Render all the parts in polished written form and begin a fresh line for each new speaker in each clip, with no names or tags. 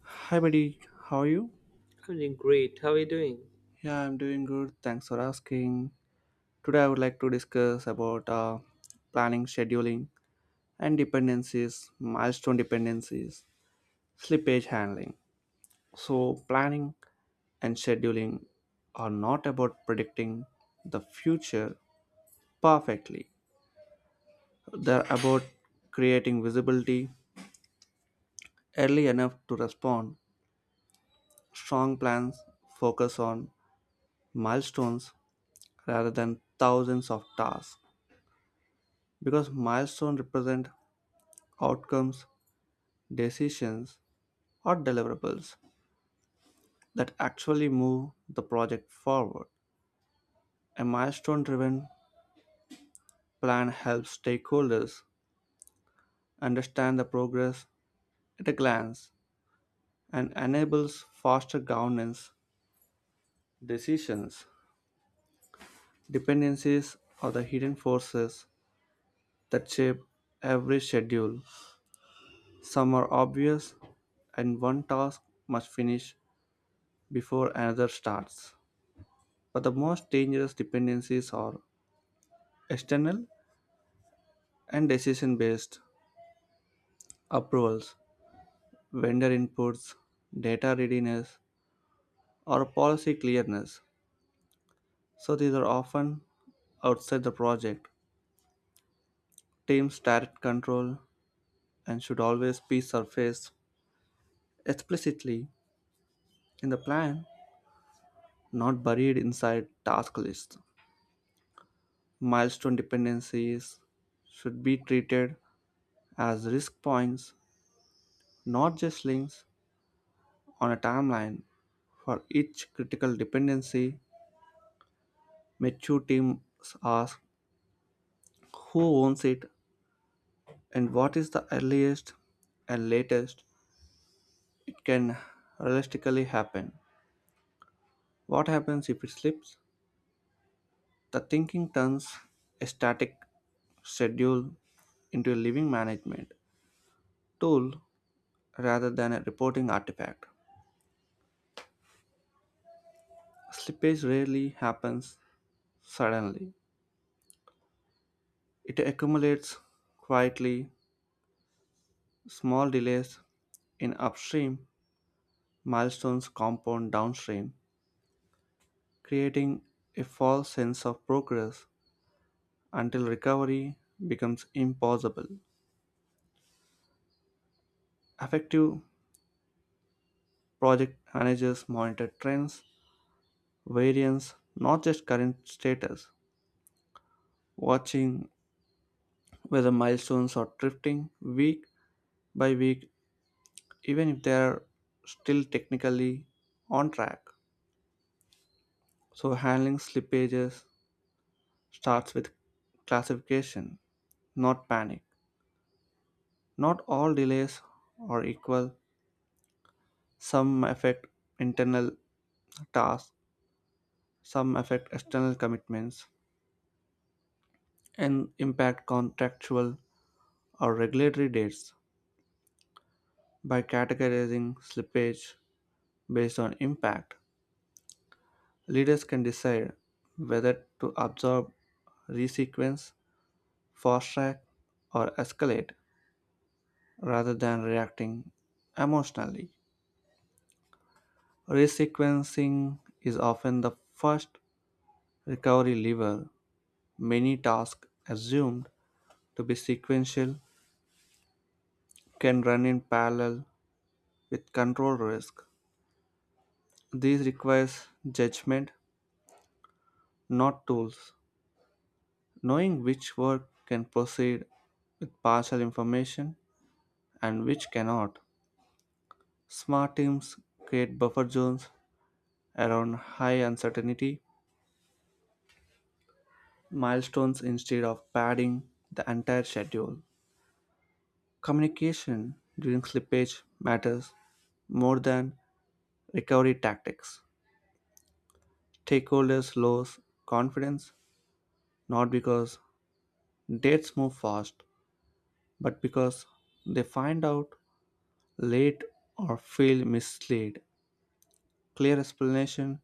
Hi, buddy. How are you?
I'm doing great. How are you doing?
Yeah, I'm doing good. Thanks for asking. Today, I would like to discuss about planning, scheduling, and dependencies, milestone dependencies, slippage handling. So, planning and scheduling are not about predicting the future perfectly. They're about creating visibility early enough to respond. Strong plans focus on milestones rather than thousands of tasks because milestones represent outcomes, decisions, or deliverables that actually move the project forward. A milestone driven plan helps stakeholders understand the progress at a glance and enables faster governance, decisions, dependencies, or the hidden forces that shape every schedule. Some are obvious, and one task must finish before another starts. But the most dangerous dependencies are external and decision based approvals, vendor inputs, data readiness, or policy clearness. So these are often outside the project. Teams direct control and should always be surfaced explicitly in the plan, not buried inside task lists. Milestone dependencies should be treated as risk points, not just links on a timeline. For each critical dependency, mature teams ask who owns it and what is the earliest and latest it can realistically happen. What happens if it slips? The thinking turns a static schedule into a living management tool rather than a reporting artifact. Slippage rarely happens suddenly, it accumulates quietly. Small delays in upstream milestones compound downstream, creating a false sense of progress until recovery becomes impossible. Effective project managers monitor trends, variance, not just current status, watching whether milestones are drifting week by week, even if they are still technically on track. So, handling slippages starts with classification, not panic. Not all delays are equal. Some affect internal tasks, some affect external commitments, and impact contractual or regulatory dates. By categorizing slippage based on impact, leaders can decide whether to absorb, resequence, fast track, or escalate rather than reacting emotionally. Resequencing is often the first recovery lever. Many tasks assumed to be sequential can run in parallel with control risk. This requires judgment, not tools. Knowing which work can proceed with partial information and which cannot. Smart teams create buffer zones around high uncertainty milestones instead of padding the entire schedule. Communication during slippage matters more than recovery tactics. Stakeholders lose confidence not because dates move fast, but because they find out late or feel misled. Clear explanation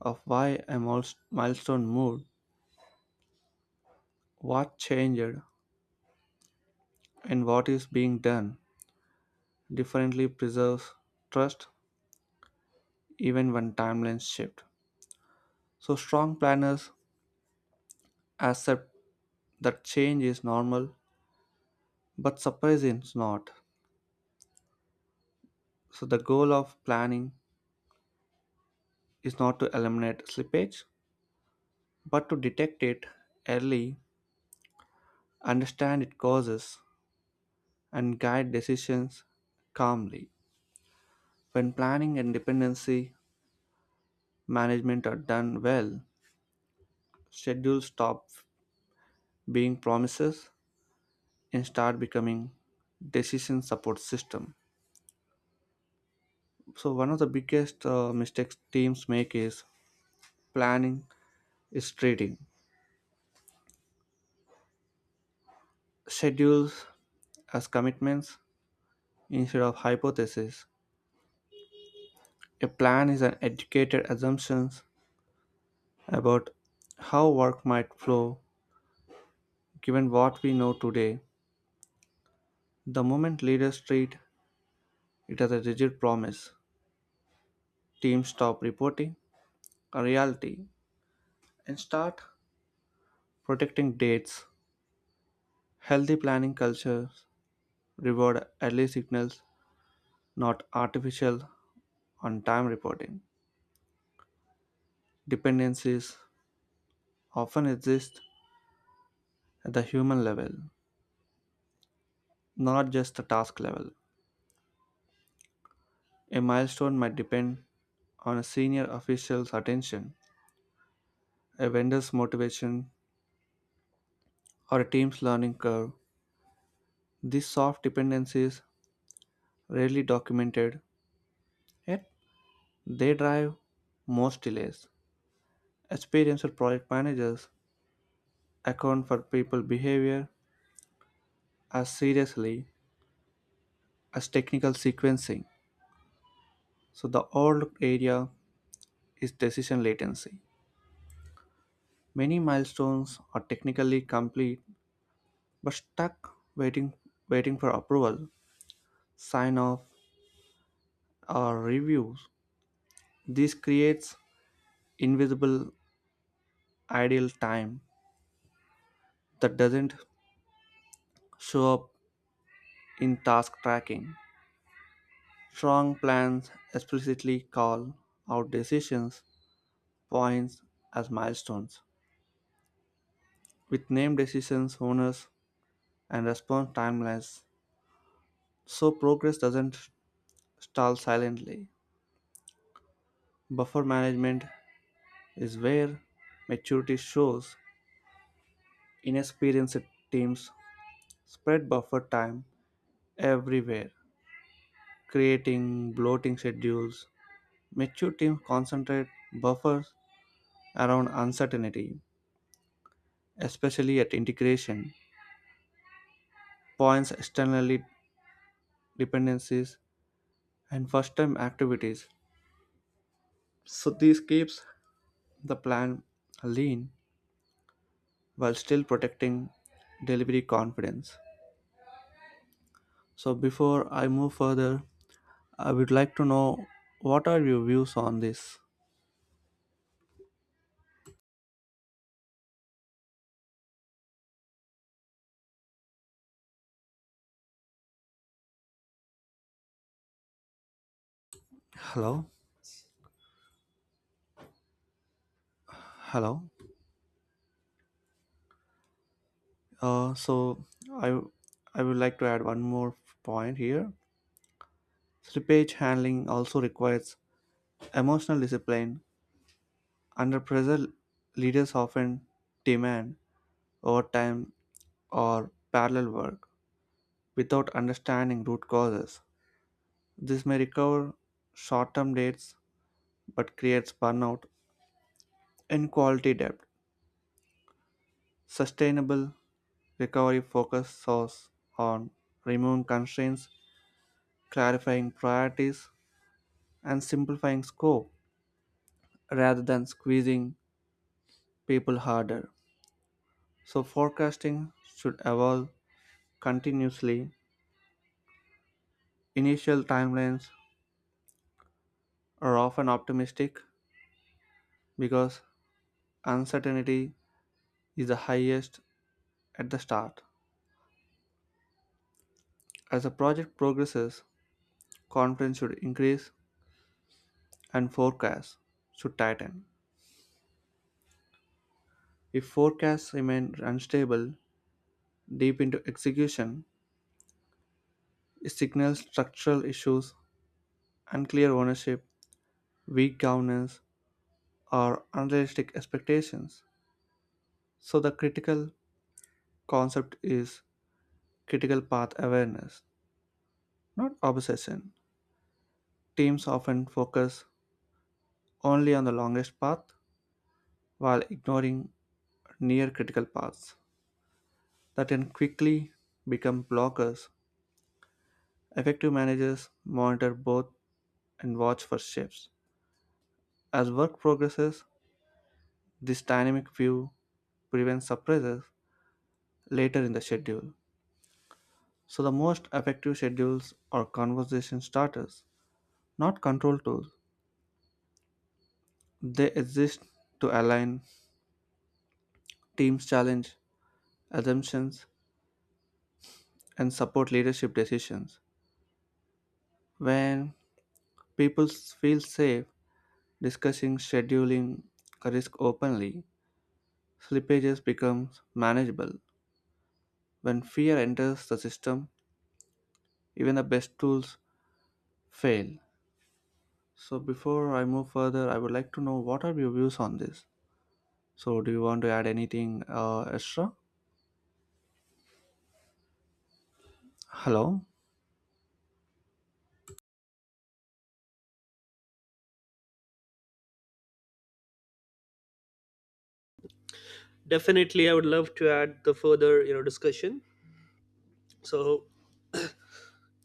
of why a milestone moved, what changed, and what is being done differently preserves trust even when timelines shift. So, strong planners accept that change is normal, but surprise is not. So, the goal of planning is not to eliminate slippage, but to detect it early, understand its causes, and guide decisions calmly. When planning and dependency management are done well, schedules stop being promises and start becoming decision support system. So one of the biggest mistakes teams make is planning is trading schedules as commitments instead of hypotheses. A plan is an educated assumptions about how work might flow given what we know today. The moment leaders treat it as a rigid promise, teams stop reporting a reality and start protecting dates. Healthy planning cultures reward early signals, not artificial on time reporting. Dependencies often exist at the human level, not just the task level. A milestone might depend on a senior official's attention, a vendor's motivation, or a team's learning curve. These soft dependencies rarely documented, yet they drive most delays. Experienced project managers account for people behavior as seriously as technical sequencing. So the overlooked area is decision latency. Many milestones are technically complete but stuck waiting for approval, sign off, or reviews. This creates invisible idle time that doesn't show up in task tracking. Strong plans explicitly call out decisions points as milestones, with named decisions, owners, and response timelines, so progress doesn't stall silently. Buffer management is where maturity shows. Inexperienced teams spread buffer time everywhere, creating bloating schedules. Mature teams concentrate buffers around uncertainty, especially at integration, points externally dependencies, and first-time activities. So this keeps the plan lean while still protecting delivery confidence. So before I move further, I would like to know, what are your views on this? Hello? Hello? So I I would like to add one more point here. Slippage handling also requires emotional discipline. Under pressure, leaders often demand overtime or parallel work without understanding root causes. This may recover short-term dates but creates burnout and quality debt. Sustainable recovery focuses on removing constraints, clarifying priorities, and simplifying scope rather than squeezing people harder. So, forecasting should evolve continuously. Initial timelines are often optimistic because uncertainty is the highest at the start. As the project progresses, confidence should increase and forecasts should tighten. If forecasts remain unstable deep into execution, it signals structural issues, unclear ownership, weak governance, or unrealistic expectations. So the critical concept is critical path awareness, not obsession. Teams often focus only on the longest path while ignoring near critical paths that can quickly become blockers. Effective managers monitor both and watch for shifts. As work progresses, this dynamic view prevents surprises later in the schedule. So the most effective schedules are conversation starters, not control tools. They exist to align teams' challenge assumptions and support leadership decisions. When feel safe discussing scheduling risk openly, slippages become manageable. When fear enters the system, even the best tools fail. So before I move further, I would like to know what are your views on this? So do you want to add anything extra? Hello?
Definitely, I would love to add the further, discussion. So,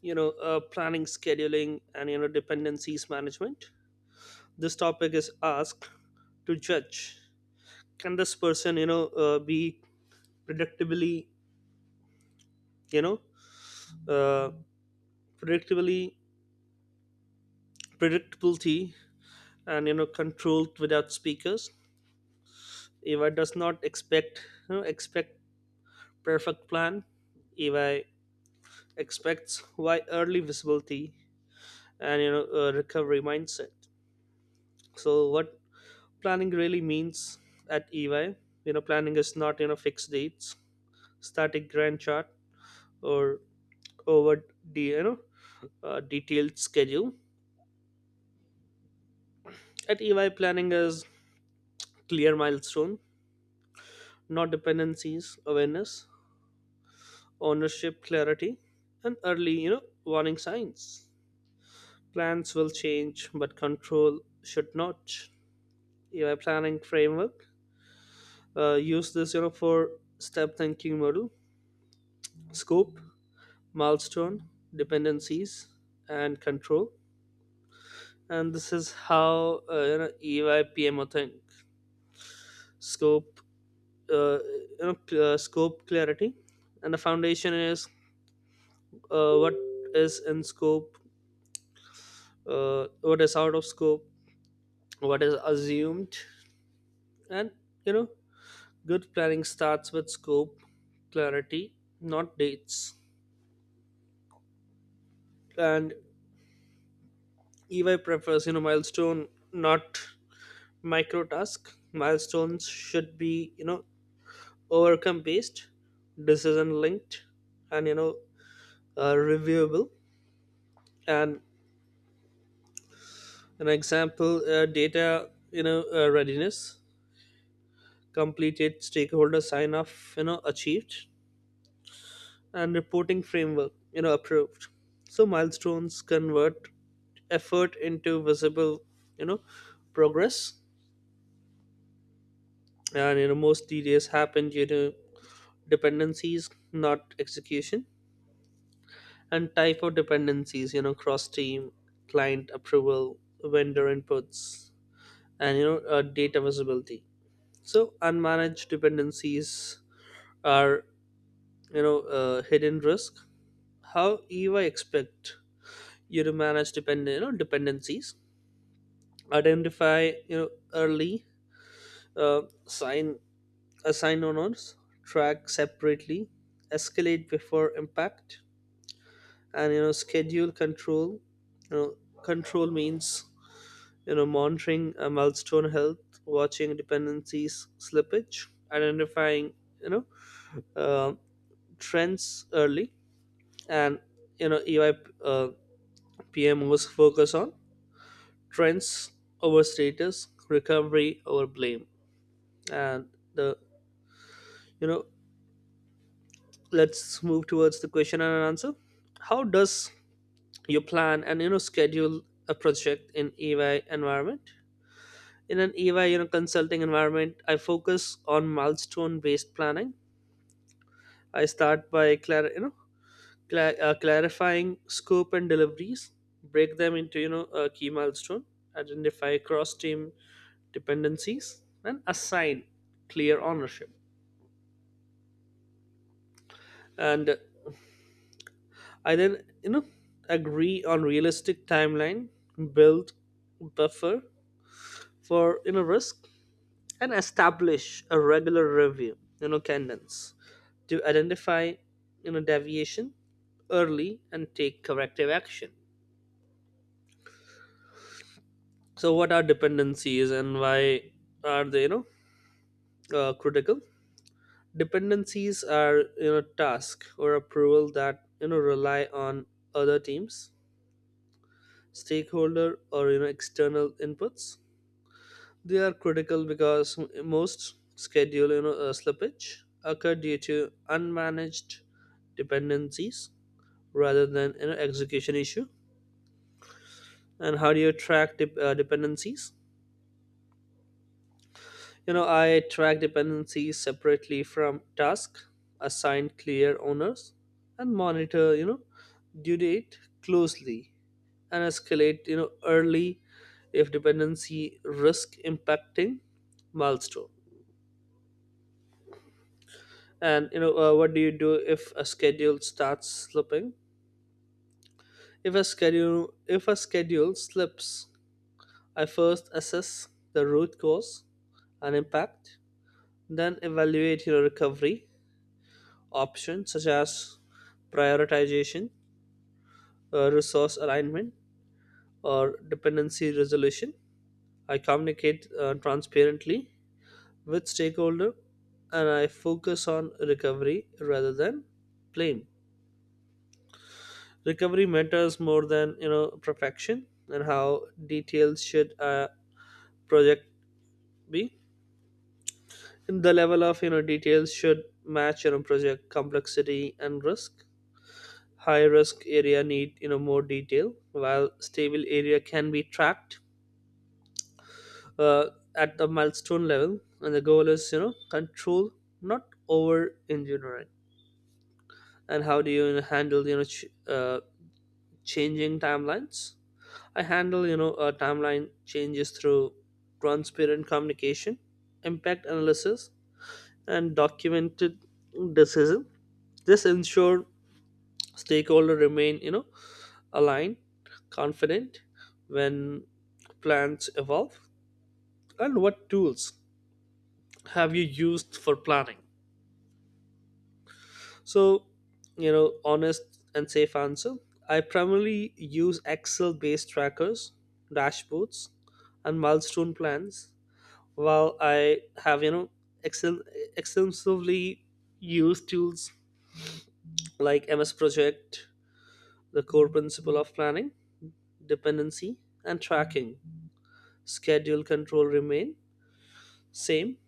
you know, uh, planning, scheduling, and dependencies management. This topic is asked to judge can this person, be predictably, you know, uh, predictably predictability and controlled without speakers. If I does not expect, you know, expect Perfect plan, if I expects why early visibility and a recovery mindset. So what planning really means at EY. You know, planning is not fixed dates, static grand chart, or over the detailed schedule. At EY, planning is clear milestone, not dependencies awareness, ownership clarity, and early warning signs. Plans will change but control should not. EY planning framework, use this for step thinking model: scope, milestone, dependencies, and control. And this is how EY think scope, scope clarity, and the foundation is what is in scope, what is out of scope, what is assumed, and you know good planning starts with scope clarity, not dates. And EY prefers milestone, not micro task. Milestones should be overcome based, decision linked, and reviewable. And an example: data readiness completed, stakeholder sign off achieved, and reporting framework approved. So milestones convert effort into visible you know progress. And most delays happen due to dependencies, not execution. And type of dependencies, cross team, client approval, vendor inputs, and data visibility. So unmanaged dependencies are hidden risk. How eva expect you to manage dependencies: identify early, sign assign owners, track separately, escalate before impact. And schedule control, you know control means monitoring milestone health, watching dependencies slippage, identifying you know uh, trends early. And EY uh, PMOs focus on trends over status, recovery over blame. And the you know let's move towards the question and answer. How does you plan and schedule a project in EY environment? In an EY, consulting environment, I focus on milestone based planning. I start by clarifying scope and deliveries, break them into a key milestone, identify cross team dependencies, and assign clear ownership. And I then agree on realistic timeline, build buffer for risk, and establish a regular review cadence to identify deviation early and take corrective action. So what are dependencies and why are they critical? Dependencies are task or approval that rely on other teams, stakeholder, or external inputs. They are critical because most schedule slippage occur due to unmanaged dependencies rather than execution issue. And how do you track dependencies? I track dependencies separately from task, assign clear owners, and monitor, due date closely and escalate, early if dependency risk impacting milestone. And what do you do if a schedule starts slipping? If a schedule slips, I first assess the root cause and impact, then evaluate your recovery options such as prioritization, resource alignment, or dependency resolution. I communicate transparently with stakeholder and I focus on recovery rather than blame. Recovery matters more than perfection. And how details should a project be? And the level of details should match your project complexity and risk. High risk area need more detail, while stable area can be tracked uh, at the milestone level. And the goal is control, not over engineering. And how do you handle changing timelines? I handle timeline changes through transparent communication, impact analysis, and documented decision. This ensure stakeholder remain aligned, confident when plans evolve? And what tools have you used for planning? So, honest and safe answer. I primarily use Excel based trackers, dashboards, and milestone plans, while I have, Excel extensively used tools like MS Project, the core principle of planning, dependency, and tracking. Schedule control remain same,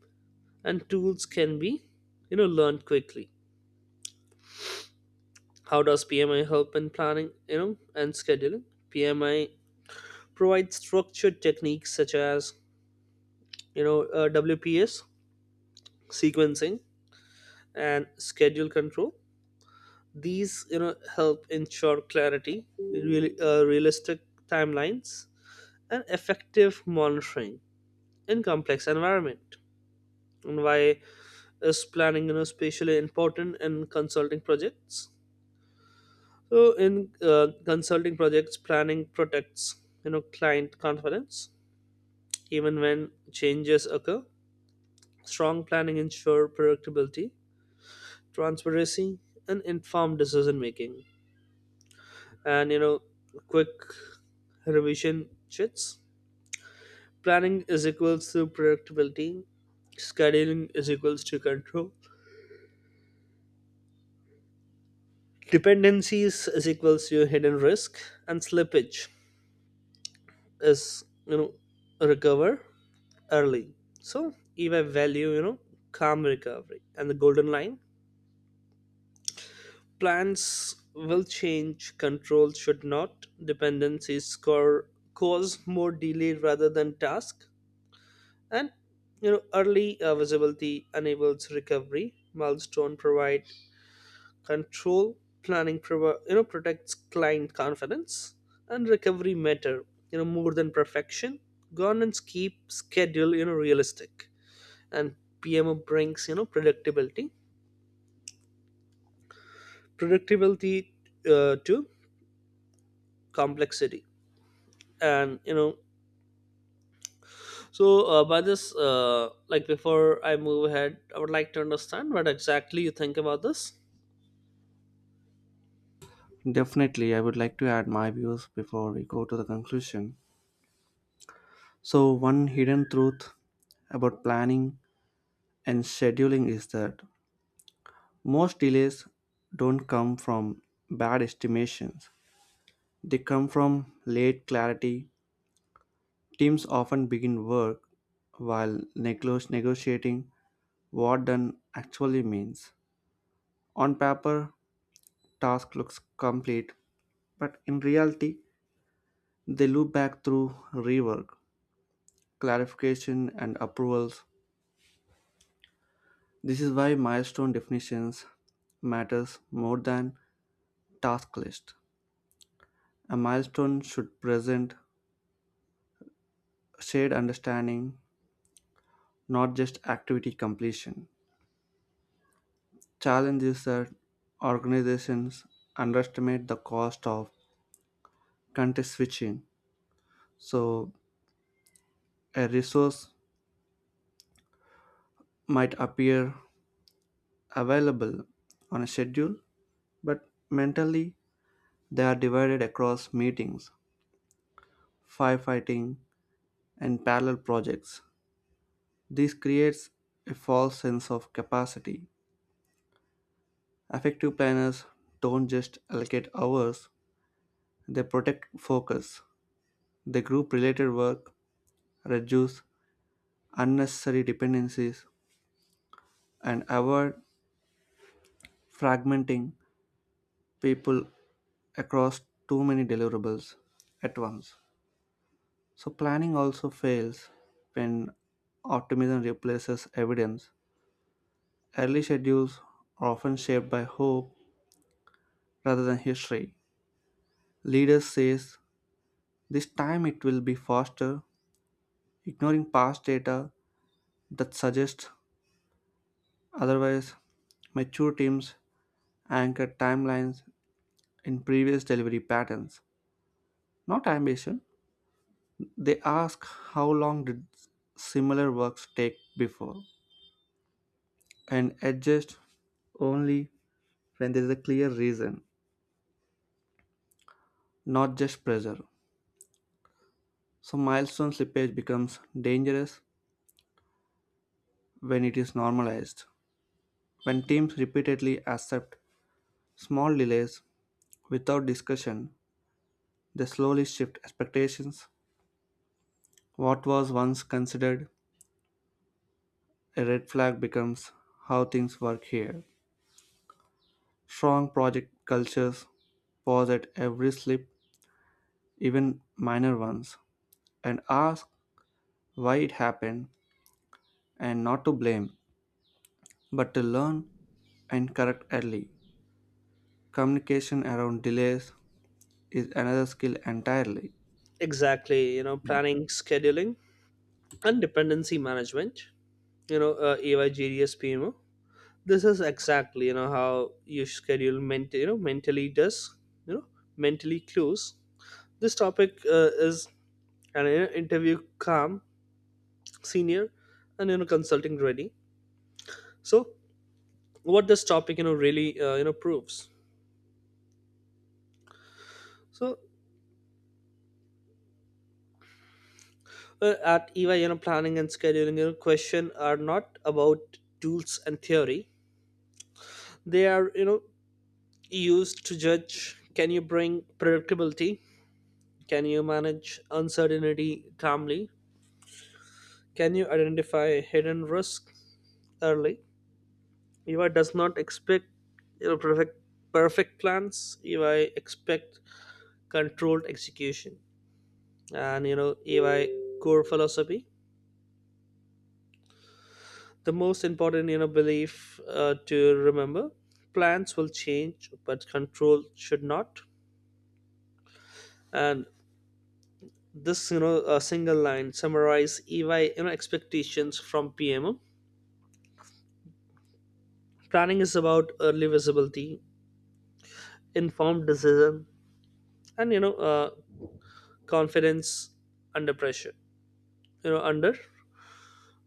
and tools can be, learned quickly. How does PMI help in planning, and scheduling? PMI provides structured techniques such as, WPS, sequencing, and schedule control. These, help ensure clarity, really, realistic timelines, and effective monitoring in complex environment. And why is planning, especially important in consulting projects? So in consulting projects, planning protects client confidence even when changes occur. Strong planning ensure predictability, transparency, and informed decision making. And quick revision sheets. Planning is equals to predictability. Scheduling is equals to control. Dependencies is equals to hidden risk, and slippage is recover early. So if value, calm recovery and the golden line, plans will change, control should not, cause more delay rather than task. And early visibility enables recovery, milestone provide control, planning protects client confidence and recovery matter, more than perfection. Governance keep schedule, realistic. And PMO brings predictability, predictability to complexity, and so by this like before I move ahead, I would like to understand what exactly you think about this.
Definitely, I would like to add my views before we go to the conclusion. So, one hidden truth about planning and scheduling is that most delays don't come from bad estimations, they come from late clarity. Teams often begin work while negotiating what done actually means. On paper, task looks complete, but in reality, they loop back through rework, clarification, and approvals. This is why milestone definitions matters more than task list. A milestone should present shared understanding, not just activity completion. Challenge is that organizations underestimate the cost of context switching. So a resource might appear available on a schedule, but mentally they are divided across meetings, firefighting, and parallel projects. This creates a false sense of capacity. Effective planners don't just allocate hours, they protect focus. They group related work, reduce unnecessary dependencies, and avoid fragmenting people across too many deliverables at once. So, planning also fails when optimism replaces evidence. Early schedules are often shaped by hope rather than history. Leaders say, "This time it will be faster," ignoring past data that suggests otherwise. Mature teams anchor timelines in previous delivery patterns, not ambition. They ask how long did similar works take before and adjust only when there is a clear reason, not just pressure. So, milestone slippage becomes dangerous when it is normalized. When teams repeatedly accept small delays without discussion, they slowly shift expectations. What was once considered a red flag becomes how things work here. Strong project cultures pause at every slip, even minor ones, and ask why it happened, and not to blame, but to learn and correct early. Communication around delays is another skill entirely.
Exactly, planning, scheduling, and dependency management. AYGDS. This is exactly how you schedule ment- you know mentally does you know mentally clues. This topic is an interview calm senior and consulting ready. So what this topic you know really you know proves. So at EY, planning and scheduling question are not about tools and theory. They are used to judge, can you bring predictability, can you manage uncertainty calmly, can you identify hidden risk early? EY does not expect you know, perfect plans. EY expect controlled execution and ay core philosophy. The most important belief to remember: plans will change but control should not. And this a single line summarize EY expectations from PMO. Planning is about early visibility, informed decision, and confidence under pressure, you know under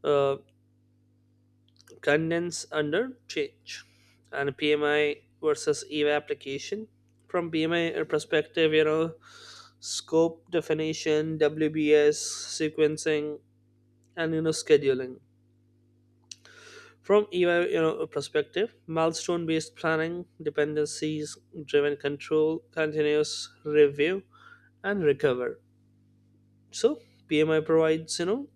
uh, condense under change. And PMI versus EVA application. From PMI perspective, scope definition, WBS, sequencing, and scheduling. From EVA perspective, milestone based planning, dependencies driven control, continuous review, and recover. So PMI provides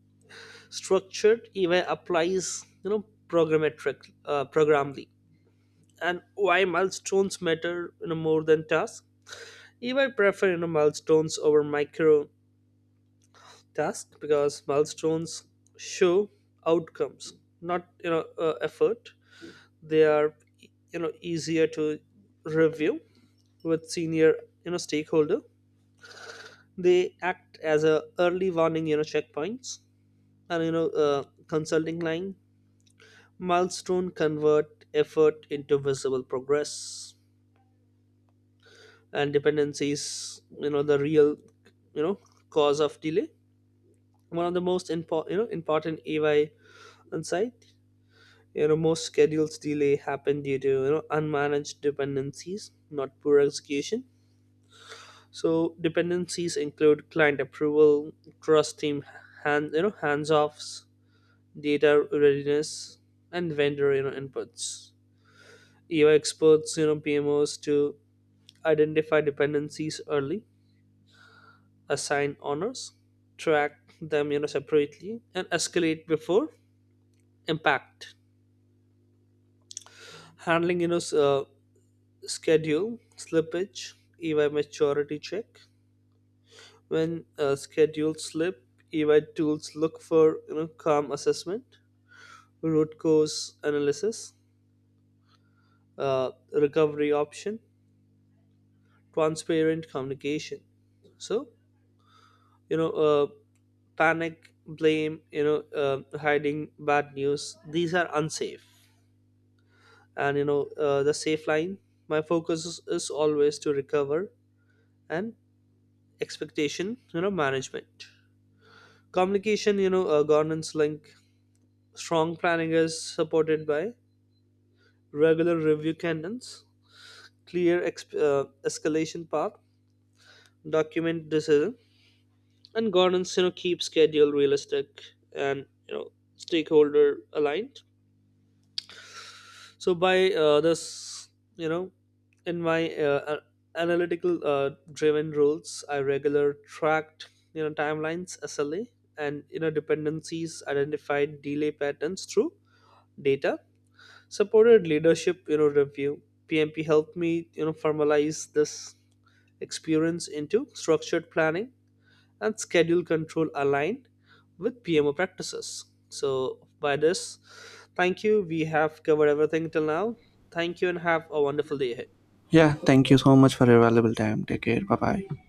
structured EVA applies programmatic programmably and why milestones matter more than tasks. If I prefer milestones over micro tasks because milestones show outcomes, not effort. They are easier to review with senior stakeholder. They act as a early warning checkpoints and consulting line milestone convert effort into visible progress. And dependency is the real you know cause of delay. One of the most important AI insight, most schedules delay happen due to unmanaged dependencies not poor execution. So dependencies include client approval, trust team hands offs, data readiness, and vendor inputs. EY experts PMOs to identify dependencies early, assign honors, track them separately, and escalate before impact. Handling schedule slippage, EY maturity check. When schedules slip, EY tools look for calm assessment, root cause analysis, recovery option, transparent communication. So you know uh, panic, blame, hiding bad news. These are unsafe. And the safe line, my focus is always to recover. And expectation management, communication, governance link. Strong planning is supported by regular review cadence, clear escalation path, document decision, and governance keep schedule realistic and stakeholder aligned. So by this, you know in my uh, uh, analytical driven rules, I regular tracked timelines, SLA, and dependencies, identified delay patterns through data supported leadership review. PMP helped me formalize this experience into structured planning and schedule control aligned with PMO practices. So, by this, thank you. We have covered everything till now. Thank you and have a wonderful day ahead.
Yeah, thank you so much for your valuable time. Take care. Bye bye.